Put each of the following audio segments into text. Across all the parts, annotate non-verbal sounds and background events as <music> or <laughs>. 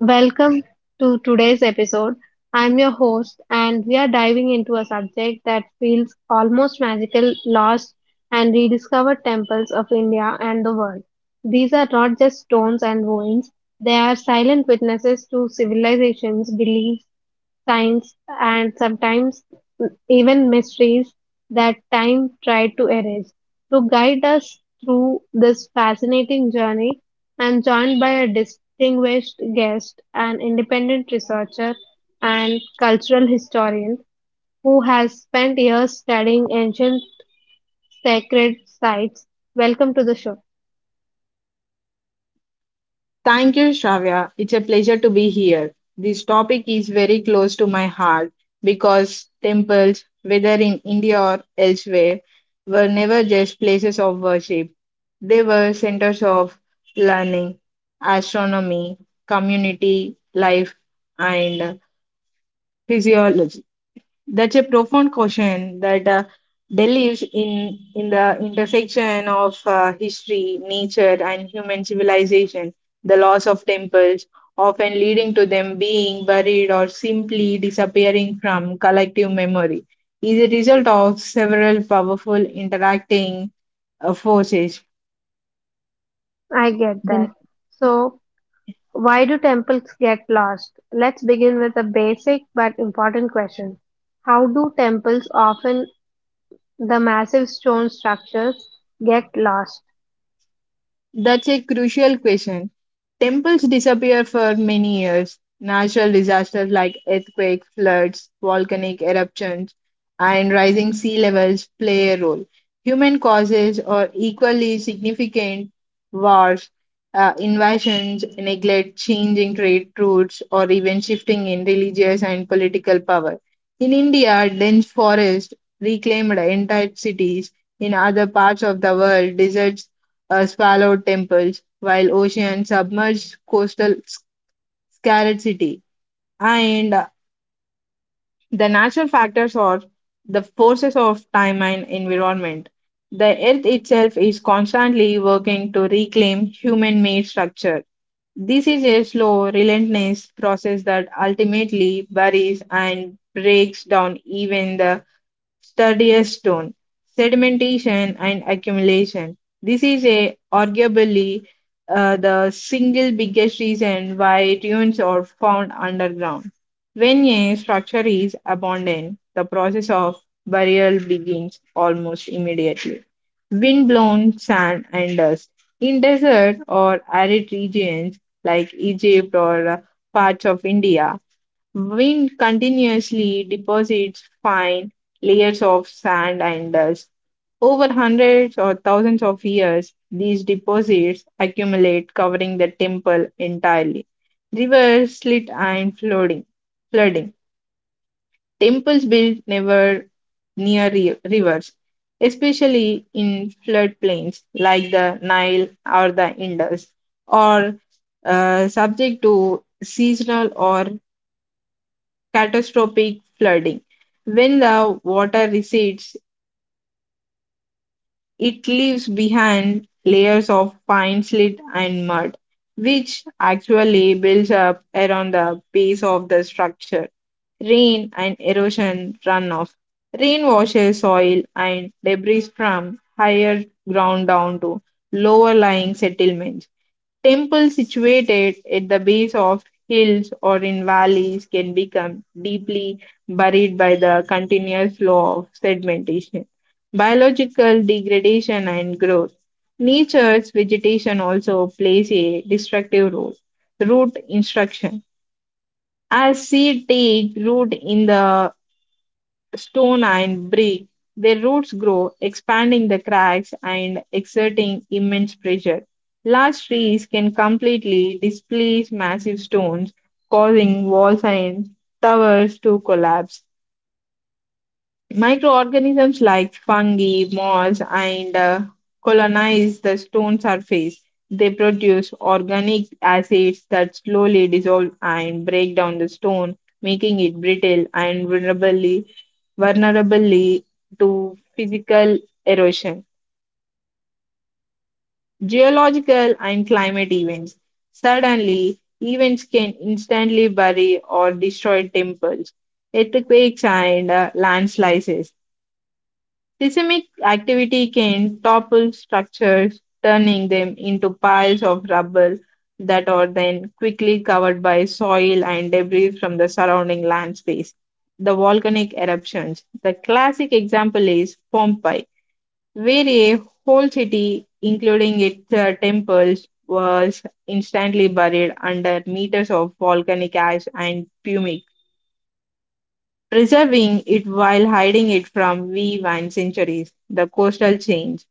Welcome to today's episode. I'm your host, and we are diving into a subject that feels almost magical, lost, and rediscovered temples of India and the world. These are not just stones and ruins, they are silent witnesses to civilizations, beliefs, science, and sometimes even mysteries that time tried to erase. To guide us through this fascinating journey, I'm joined by a distinguished guest, an independent researcher and cultural historian who has spent years studying ancient sacred sites. Welcome to the show. Thank you, Shravya. It's a pleasure to be here. This topic is very close to my heart because temples, whether in India or elsewhere, were never just places of worship. They were centers of learning, astronomy, community life, and physiology. That's a profound question that delves in the intersection of history, nature, and human civilization. The loss of temples, often leading to them being buried or simply disappearing from collective memory, is a result of several powerful interacting forces. I get that. So, why do temples get lost? Let's begin with a basic but important question. How do temples, often the massive stone structures, get lost? That's a crucial question. Temples disappear for many years. Natural disasters like earthquakes, floods, volcanic eruptions, and rising sea levels play a role. Human causes are equally significant. Wars, invasions, neglect, changing trade routes, or even shifting in religious and political power. In India, dense forests reclaimed entire cities. In other parts of the world, deserts swallowed temples, while ocean submerged scarred city. And the natural factors are the forces of time and environment. The earth itself is constantly working to reclaim human-made structure. This is a slow, relentless process that ultimately buries and breaks down even the sturdiest stone. Sedimentation and accumulation. This is arguably the single biggest reason why dunes are found underground. When a structure is abandoned, the process of burial begins almost immediately. Windblown sand and dust. In desert or arid regions like Egypt or parts of India, wind continuously deposits fine layers of sand and dust. Over hundreds or thousands of years, these deposits accumulate, covering the temple entirely. Rivers slit and flooding. Flooding. Temples built never near rivers, especially in floodplains like the Nile or the Indus, or subject to seasonal or catastrophic flooding. When the water recedes, it leaves behind layers of fine slit and mud, which actually builds up around the base of the structure. Rain and erosion runoff. Rain washes soil and debris from higher ground down to lower lying settlements. Temples situated at the base of hills or in valleys can become deeply buried by the continuous flow of sedimentation, biological degradation, and growth. Nature's vegetation also plays a destructive role. Root instruction. As seed take root in the stone and brick. Their roots grow, expanding the cracks and exerting immense pressure. Large trees can completely displace massive stones, causing walls and towers to collapse. Microorganisms like fungi, moss, and colonize the stone surface. They produce organic acids that slowly dissolve and break down the stone, making it brittle and vulnerably to physical erosion. Geological and climate events. Suddenly, events can instantly bury or destroy temples, earthquakes, and landslides. Seismic activity can topple structures, turning them into piles of rubble that are then quickly covered by soil and debris from the surrounding land space. The volcanic eruptions. The classic example is Pompeii, where a whole city, including its temples, was instantly buried under meters of volcanic ash and pumic, preserving it while hiding it from view and centuries. The coastal change.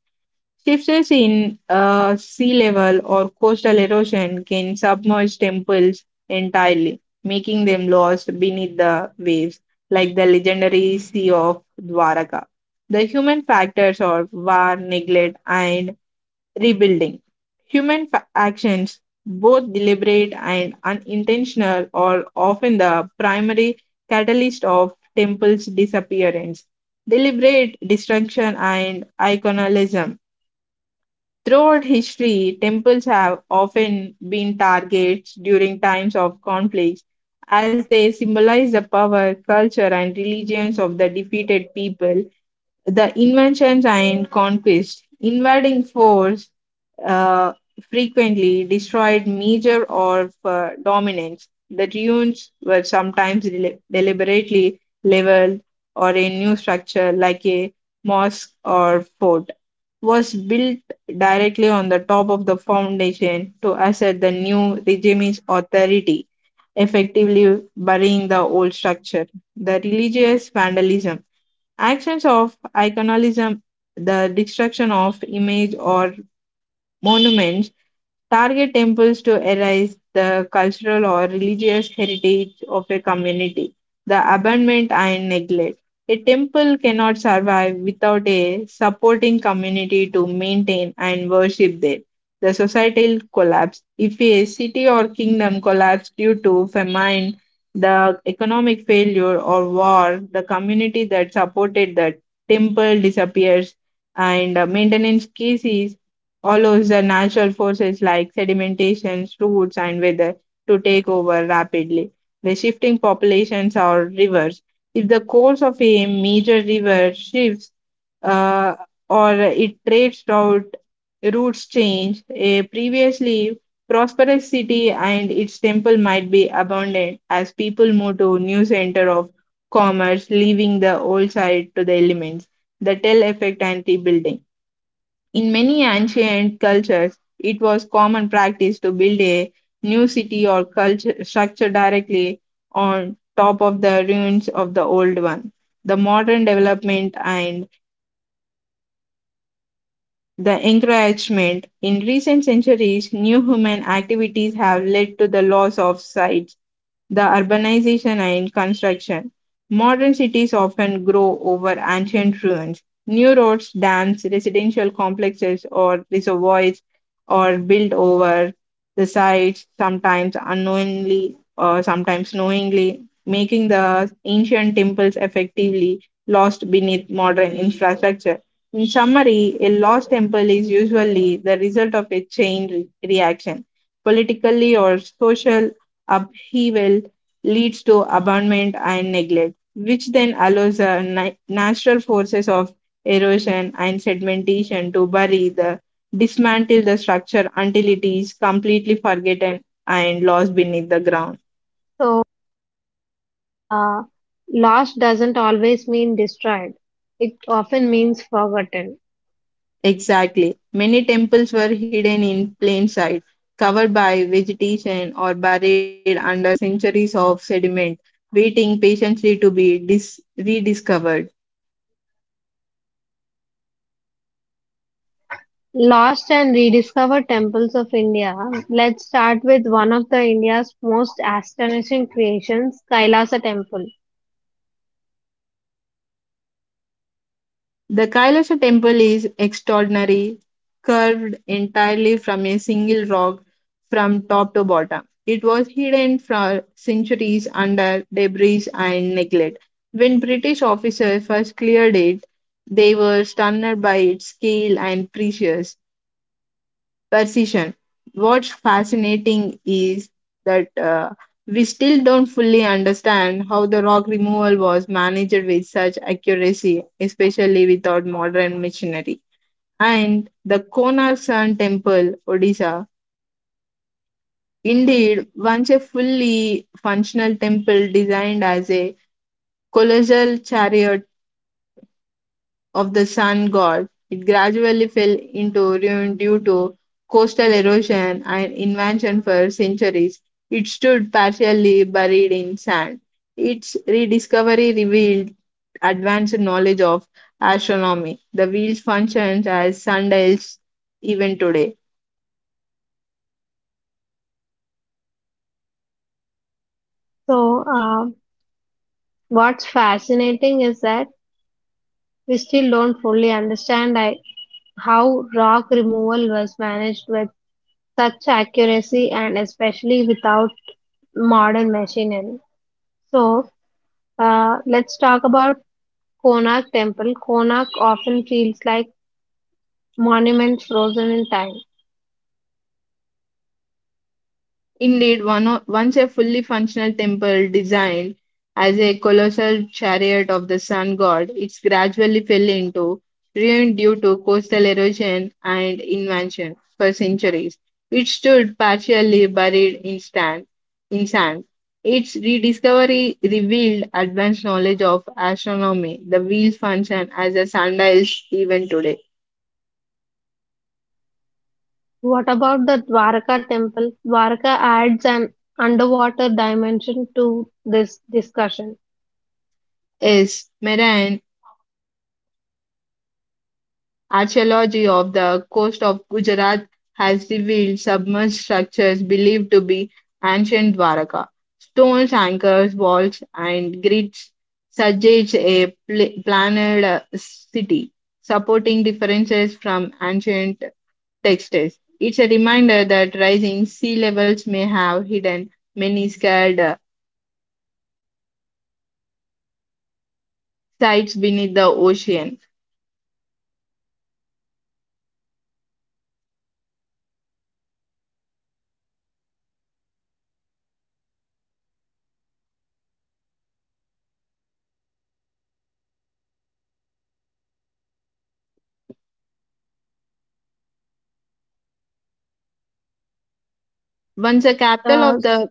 Shifts in sea level or coastal erosion can submerge temples entirely, making them lost beneath the waves, like the legendary Sea of Dwaraka. The human factors are war, neglect, and rebuilding. Actions, both deliberate and unintentional, are often the primary catalyst of temples' disappearance. Deliberate destruction and iconalism. Throughout history, temples have often been targets during times of conflict, as they symbolize the power, culture, and religions of the defeated people. The inventions and conquest, invading force, uh, frequently destroyed major or dominance. The ruins were sometimes deliberately leveled, or a new structure like a mosque or fort was built directly on the top of the foundation to assert the new regime's authority, effectively burying the old structure. The religious vandalism, actions of iconoclasm, the destruction of images or monuments target temples to erase the cultural or religious heritage of a community, the abandonment and neglect. A temple cannot survive without a supporting community to maintain and worship there. The societal collapse. If a city or kingdom collapsed due to famine, the economic failure or war, the community that supported the temple disappears and maintenance cases allows the natural forces like sedimentation, roots, and weather to take over rapidly. The shifting populations or rivers. If the course of a major river shifts uh, or its trades routes change, a previously prosperous city and its temple might be abandoned as people move to new center of commerce, leaving the old site to the elements. The tell effect and rebuilding. In many ancient cultures, it was common practice to build a new city or culture structure directly on top of the ruins of the old one. The modern development and the encroachment in recent centuries, new human activities have led to the loss of sites the urbanization and construction. Modern cities often grow over ancient ruins. New roads, dams, residential complexes, or reservoirs are built over the sites, sometimes unknowingly or sometimes knowingly, making the ancient temples effectively lost beneath modern infrastructure. In summary, a lost temple is usually the result of a chain reaction, politically or social up he will leads to abandonment and neglect, which then allows the natural forces of erosion and sedimentation to bury the dismantle the structure until it is completely forgotten and lost beneath the ground. So, uh, lost doesn't always mean destroyed, it often means forgotten. Exactly. Many temples were hidden in plain sight, covered by vegetation or buried under centuries of sediment, waiting patiently to be rediscovered. Lost and rediscovered temples of India. Let's start with one of the India's most astonishing creations, Kailasa Temple. The Kailasha temple is extraordinary, carved entirely from a single rock from top to bottom. It was hidden for centuries under debris and neglect. When British officers first cleared it, they were stunned by its scale and precision. What's fascinating is that we still don't fully understand how the rock removal was managed with such accuracy, especially without modern machinery. And the Konar Sun Temple, Odisha, indeed once a fully functional temple designed as a colossal chariot of the sun god. It gradually fell into ruin due to coastal erosion and invasion for centuries. It stood partially buried in sand. Its rediscovery revealed advanced knowledge of astronomy. The wheels functions as sundials even today. So, what's fascinating is that we still don't fully understand how rock removal was managed with such accuracy, and especially without modern machinery. So, let's talk about Konark Temple. Konark often feels like monuments frozen in time. Indeed, once a fully functional temple designed as a colossal chariot of the sun god, it gradually fell into ruin due to coastal erosion and invasion for centuries. It stood partially buried in sand. In sand. Its rediscovery revealed advanced knowledge of astronomy. The wheels function as a sundial even today. What about the Dwarka Temple? Dwarka adds an underwater dimension to this discussion. Yes, Mera Archaeology of the coast of Gujarat has revealed submerged structures believed to be ancient Dwaraka. Stones, anchors, walls, and grids suggest a planned city, supporting differences from ancient texts. It's a reminder that rising sea levels may have hidden many scarred sites beneath the ocean. Once a capital Uh, of the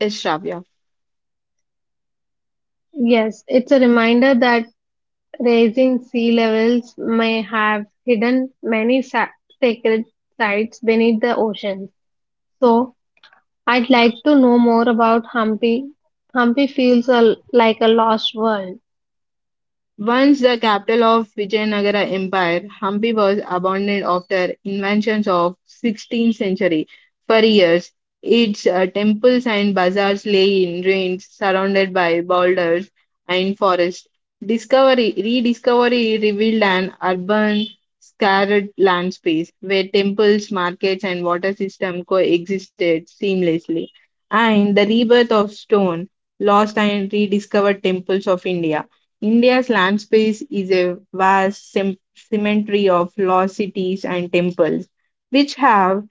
Eshrafia. yes, it's a reminder that raising sea levels may have hidden many sacred sites beneath the ocean. So, I'd like to know more about Hampi. Hampi feels like a lost world. Once the capital of Vijayanagara Empire, Hampi was abandoned after invasions of 16th century. For years, its temples and bazaars lay in ruins, surrounded by boulders and forests. Discovery, rediscovery revealed an urban scarred land space where temples, markets, and water system coexisted seamlessly. And the rebirth of stone, lost and rediscovered temples of India. India's land space is a vast cemetery of lost cities and temples, which have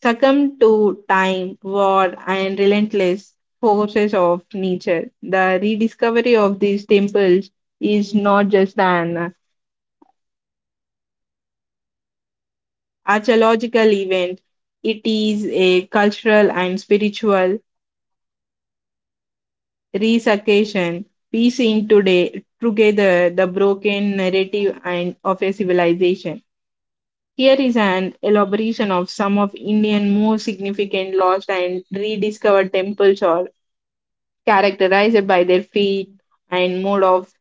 succumbed to time, war, and relentless forces of nature. The rediscovery of these temples is not just an archaeological event, it is a cultural and spiritual resurrection, piecing today together the broken narrative and of a civilization. Here is an elaboration of some of India's most significant lost and rediscovered temples or characterized by their fate and mode of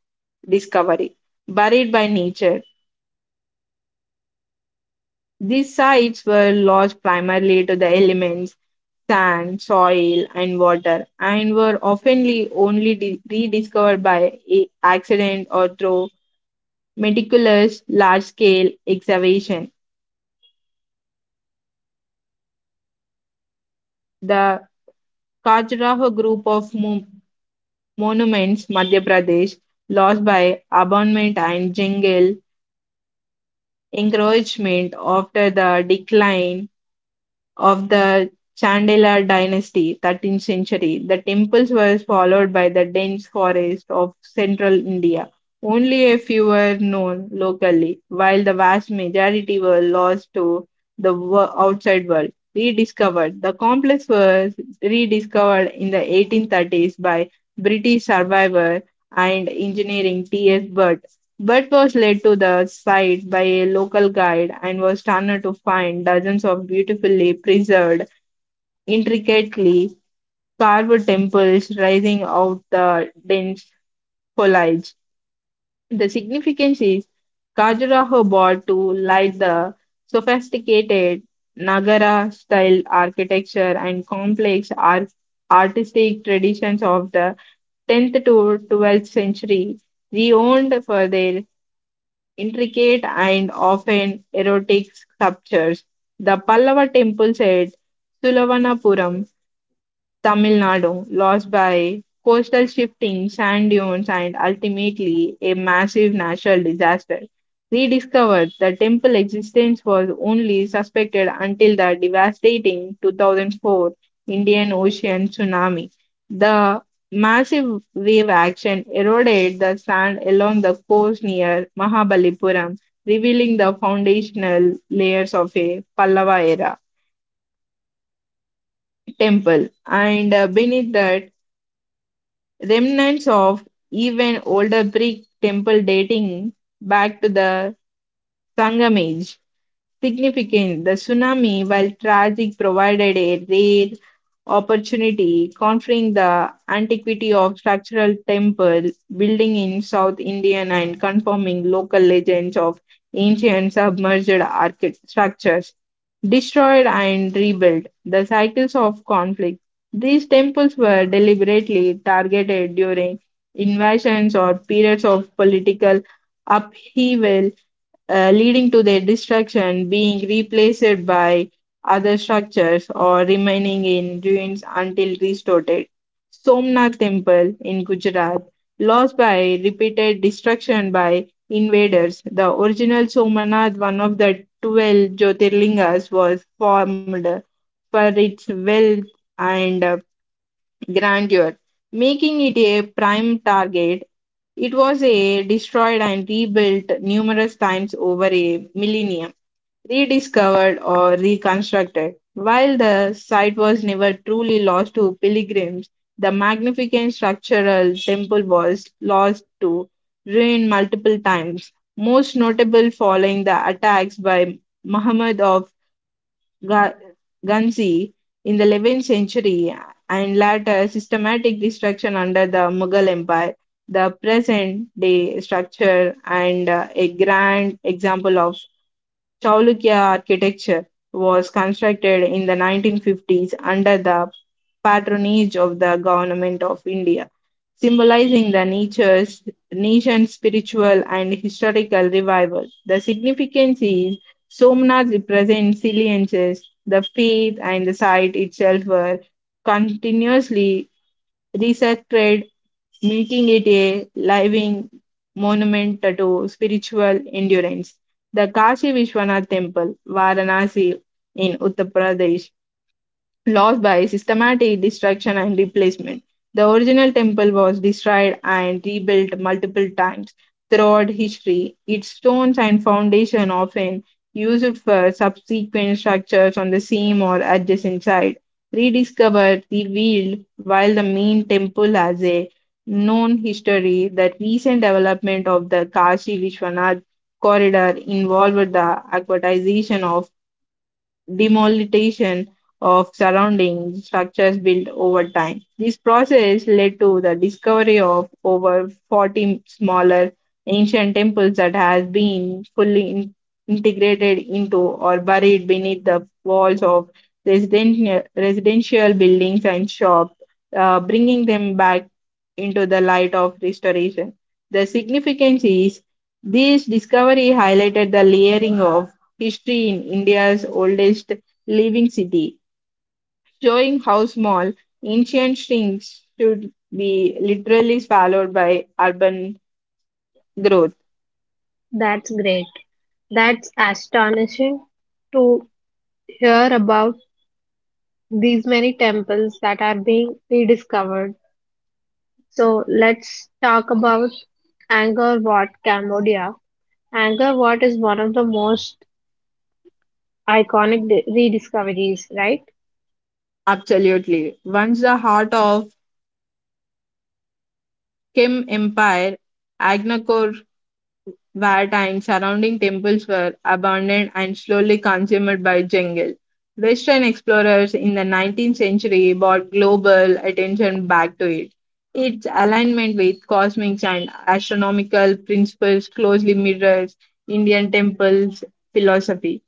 discovery. Buried by nature, these sites were lost primarily to the elements, sand, soil, and water, and were often only rediscovered by accident or through meticulous large-scale excavation. The Khajuraho group of monuments Madhya Pradesh lost by abandonment and jungle encroachment after the decline of the Chandela dynasty, 13th century, the temples were followed by the dense forest of central India. Only a few were known locally, while the vast majority were lost to the outside world. Rediscovered. The complex was rediscovered in the 1830s by British survivor and engineering T.S. Budd. But was led to the site by a local guide and was stunned to find dozens of beautifully preserved, intricately carved temples rising out the dense foliage. The significance is Khajuraho brought to light the sophisticated Nagara style architecture and complex artistic traditions of the 10th to 12th century, renowned for their intricate and often erotic sculptures. The Pallava temple at Sulavanapuram Tamil Nadu, lost by coastal shifting, sand dunes, and ultimately a massive natural disaster. Rediscovered, the temple existence was only suspected until the devastating 2004 Indian Ocean tsunami. The massive wave action eroded the sand along the coast near Mahabalipuram, revealing the foundational layers of a Pallava era temple. And beneath that, remnants of even older brick temple dating back to the Sangam age significant. The tsunami, while tragic, provided a rare opportunity, conferring the antiquity of structural temple building in South Indian and confirming local legends of ancient submerged structures destroyed and rebuilt, the cycles of conflict. These temples were deliberately targeted during invasions or periods of political upheaval, leading to their destruction being replaced by other structures or remaining in ruins until restored. Somnath Temple in Gujarat, lost by repeated destruction by invaders, the original Somnath, one of the 12 Jyotirlingas, was formed for its wealth and grandeur, making it a prime target. It was a destroyed and rebuilt numerous times over a millennium, rediscovered or reconstructed. While the site was never truly lost to pilgrims, the magnificent structural temple was lost to ruin multiple times, most notable following the attacks by Muhammad of Ga- Ghanzi in the 11th century and later systematic destruction under the Mughal Empire. The present day structure, and a grand example of Chalukya architecture, was constructed in the 1950s under the patronage of the government of India, symbolizing the nature's nation's spiritual and historical revival. The significance is Somnath represents saliences, the faith and the site itself were continuously resected, making it a living monument to spiritual endurance. The Kashi Vishwanath Temple, Varanasi in Uttar Pradesh, lost by systematic destruction and replacement. The original temple was destroyed and rebuilt multiple times throughout history, its stones and foundation often used for subsequent structures on the same or adjacent site. Rediscovered, revealed, while the main temple has a known history, the recent development of the Kashi Vishwanath corridor involved the aquatization of demolition of surrounding structures built over time. This process led to the discovery of over 40 smaller ancient temples that has been fully integrated into or buried beneath the walls of residential buildings and shops, bringing them back into the light of restoration. The significance is this discovery highlighted the layering of history in India's oldest living city, showing how small ancient shrinks should be literally swallowed by urban growth. That's great. That's astonishing to hear about these many temples that are being rediscovered. So, let's talk about Angkor Wat, Cambodia. Angkor Wat is one of the most iconic rediscoveries, right? Absolutely. Once the heart of Kim Empire, Agnakor Wat and surrounding temples were abandoned and slowly consumed by jungle. Western explorers in the 19th century brought global attention back to it. Its alignment with cosmic and astronomical principles closely mirrors Indian temples philosophy.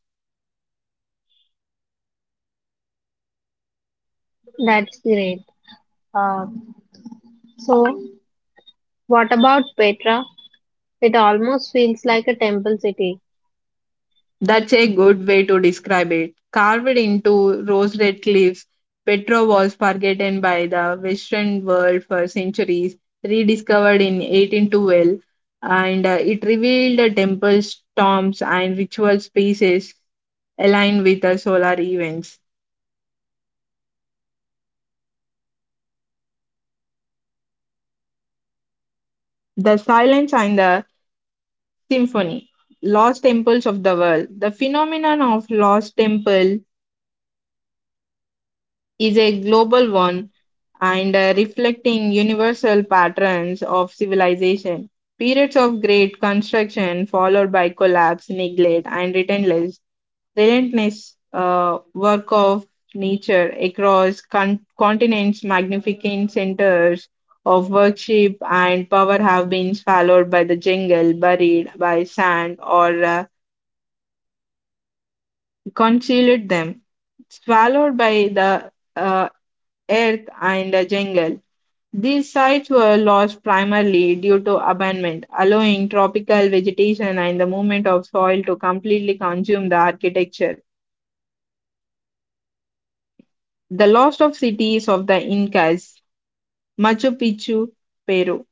That's great. Um, so, what about Petra? It almost feels like a temple city. That's a good way to describe it. Carved into rose red cliffs, Petra was forgotten by the Western world for centuries, rediscovered in 1812, and it revealed the temples, tombs, and ritual spaces aligned with the solar events. The silence and the symphony, lost temples of the world. The phenomenon of lost temple is a global one, and reflecting universal patterns of civilization. Periods of great construction followed by collapse, neglect, and relentless work of nature across continents, magnificent centers of worship and power have been swallowed by the jungle, buried by sand, or concealed them, swallowed by the earth and the jungle. These sites were lost primarily due to abandonment, allowing tropical vegetation and the movement of soil to completely consume the architecture. The loss of cities of the Incas, Machu Picchu, Peru,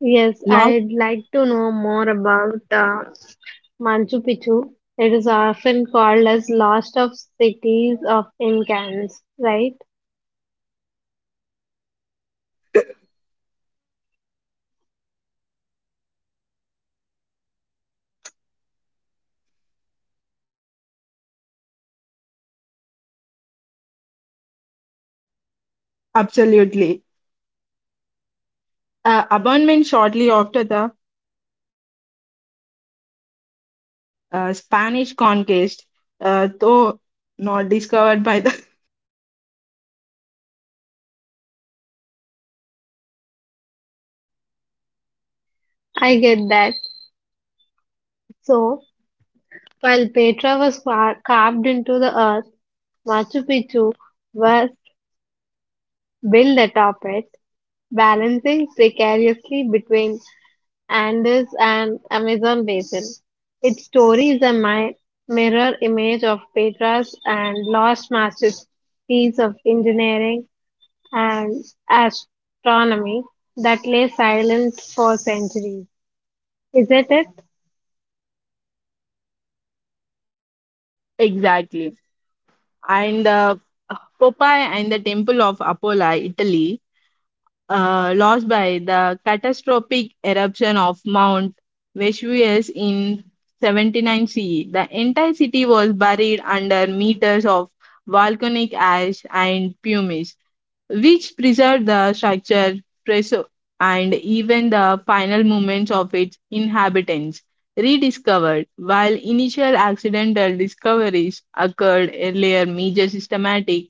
Yes, lost I'd like to know more about Machu Picchu. It is often called as lost of cities of Incans, right? absolutely. Abandonment shortly after the Spanish conquest, though not discovered by the I get that. So, while Petra was carved into the earth, Machu Picchu was built atop it, balancing precariously between Andes and Amazon basin. Its story is a mirror image of Petra's, and lost masterpiece of engineering and astronomy that lay silent for centuries. Isn't it? <laughs> exactly, and Popeye and the Temple of Apollo, Italy, lost by the catastrophic eruption of Mount Vesuvius in 79 CE. The entire city was buried under meters of volcanic ash and pumice, which preserved the preso- and even the final moments of its inhabitants. Rediscovered while initial accidental discoveries occurred earlier, major systematic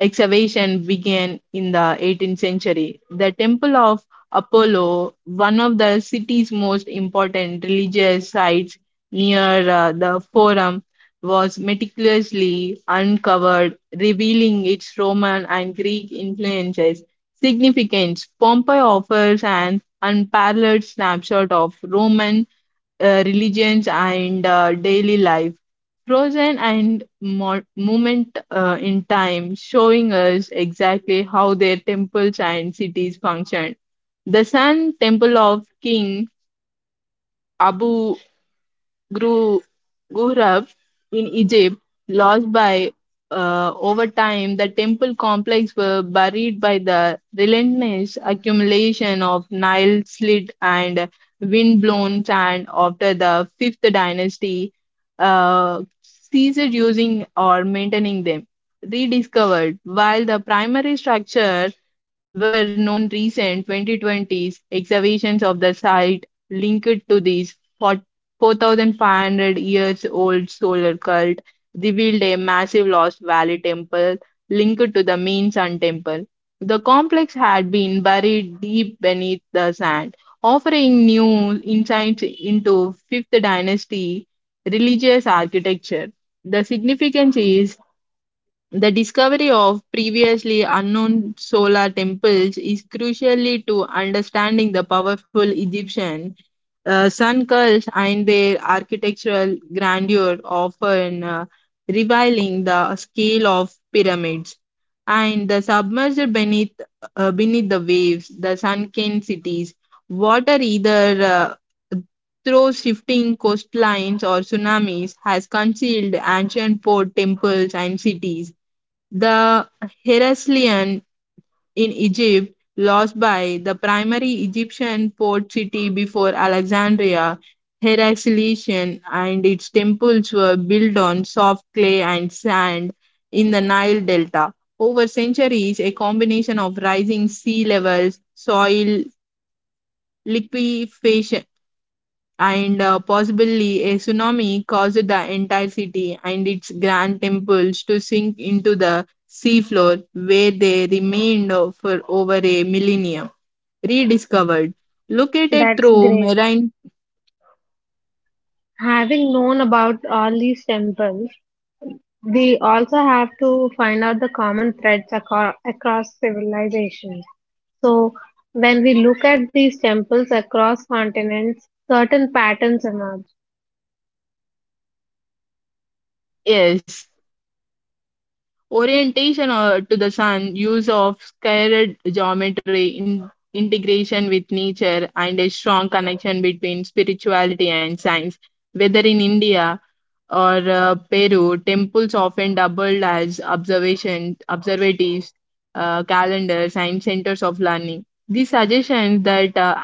excavation began in the 18th century. The Temple of Apollo, one of the city's most important religious sites near, the Forum, was meticulously uncovered, revealing its Roman and Greek influences. Significance Pompeii offers an unparalleled snapshot of Roman religions and daily life, frozen and moment in time, showing us exactly how their temples and cities functioned. The Sun Temple of King Abu grew, grew up in Egypt, lost by, over time, the temple complex were buried by the relentless accumulation of Nile slit and wind-blown sand after the fifth dynasty ceased using or maintaining them. Rediscovered while the primary structure were known, recent 2020s excavations of the site linked to these 4,500 years old solar cult revealed a massive lost valley temple linked to the main Sun temple. The complex had been buried deep beneath the sand, offering new insights into 5th dynasty religious architecture. The significance is the discovery of previously unknown solar temples is crucially to understanding the powerful Egyptian sun cults and their architectural grandeur, often revealing the scale of pyramids. And the submerged beneath the waves, the sunken cities, water either uh, through shifting coastlines or tsunamis has concealed ancient port temples and cities the Heraclean in Egypt, lost by the primary Egyptian port city before Alexandria, Heracleion and its temples were built on soft clay and sand in the Nile Delta. Over centuries, a combination of rising sea levels, soil liquefaction, and possibly a tsunami caused the entire city and its grand temples to sink into the seafloor, where they remained for over a millennium. Rediscovered. Located That's through great. marine, Having known about all these temples, we also have to find out the common threads across civilizations. So, when we look at these temples across continents, certain patterns emerge. yes, orientation to the sun, use of scared geometry, integration with nature, and a strong connection between spirituality and science. Whether in India, or Peru, temples often doubled as observation observatories, calendars, and centers of learning. These suggestions that,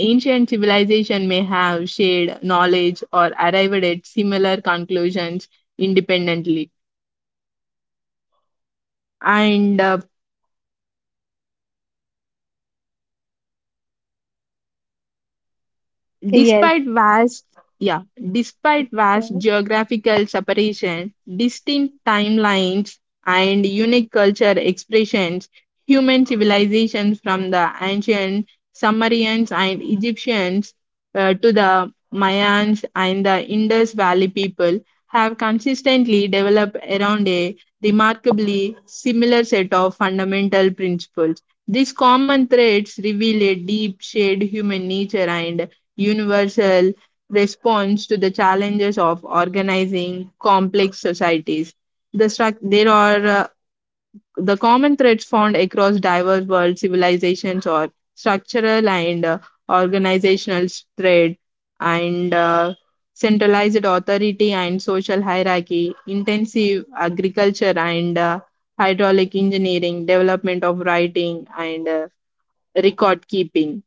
ancient civilization may have shared knowledge or arrived at similar conclusions independently. And uh, Yes, Despite vast, yeah, despite vast so geographical separation, distinct timelines, and unique culture expressions, human civilizations from the ancient Sumerians and Egyptians, to the Mayans and the Indus Valley people have consistently developed around a remarkably similar set of fundamental principles. These common threads reveal a deep shared human nature and universal response to the challenges of organizing complex societies. The struc- there are The common threads found across diverse world civilizations are structural and organizational thread and centralized authority and social hierarchy, intensive agriculture and hydraulic engineering, development of writing and record keeping.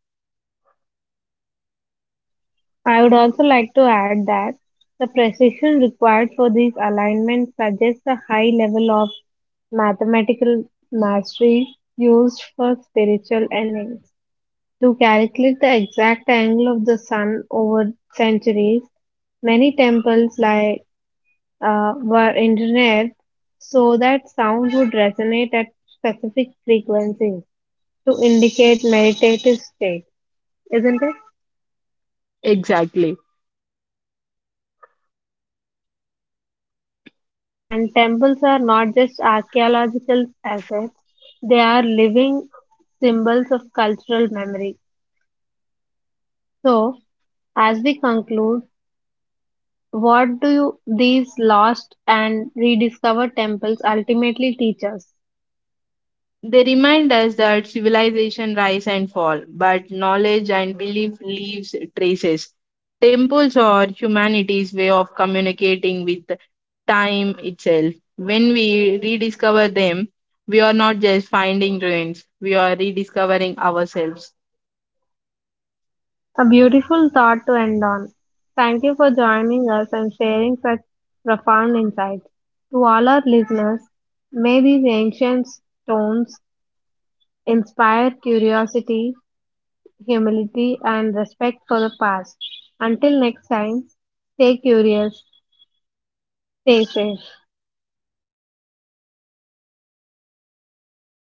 I would also like to add that the precision required for these alignments suggests a high level of mathematical mastery used for spiritual endings. To calculate the exact angle of the sun over centuries, many temples like were engineered so that sound would resonate at specific frequencies to indicate meditative state, isn't it? Exactly. And temples are not just archaeological assets, they are living symbols of cultural memory. So, as we conclude, what do you, these lost and rediscovered temples ultimately teach us? They remind us that civilization rise and fall, but knowledge and belief leaves traces. Temples are humanity's way of communicating with time itself. When we rediscover them, we are not just finding ruins, we are rediscovering ourselves. A beautiful thought to end on. Thank you for joining us and sharing such profound insights. To all our listeners, may these ancient stones inspire curiosity, humility, and respect for the past. Until next time, stay curious, stay safe.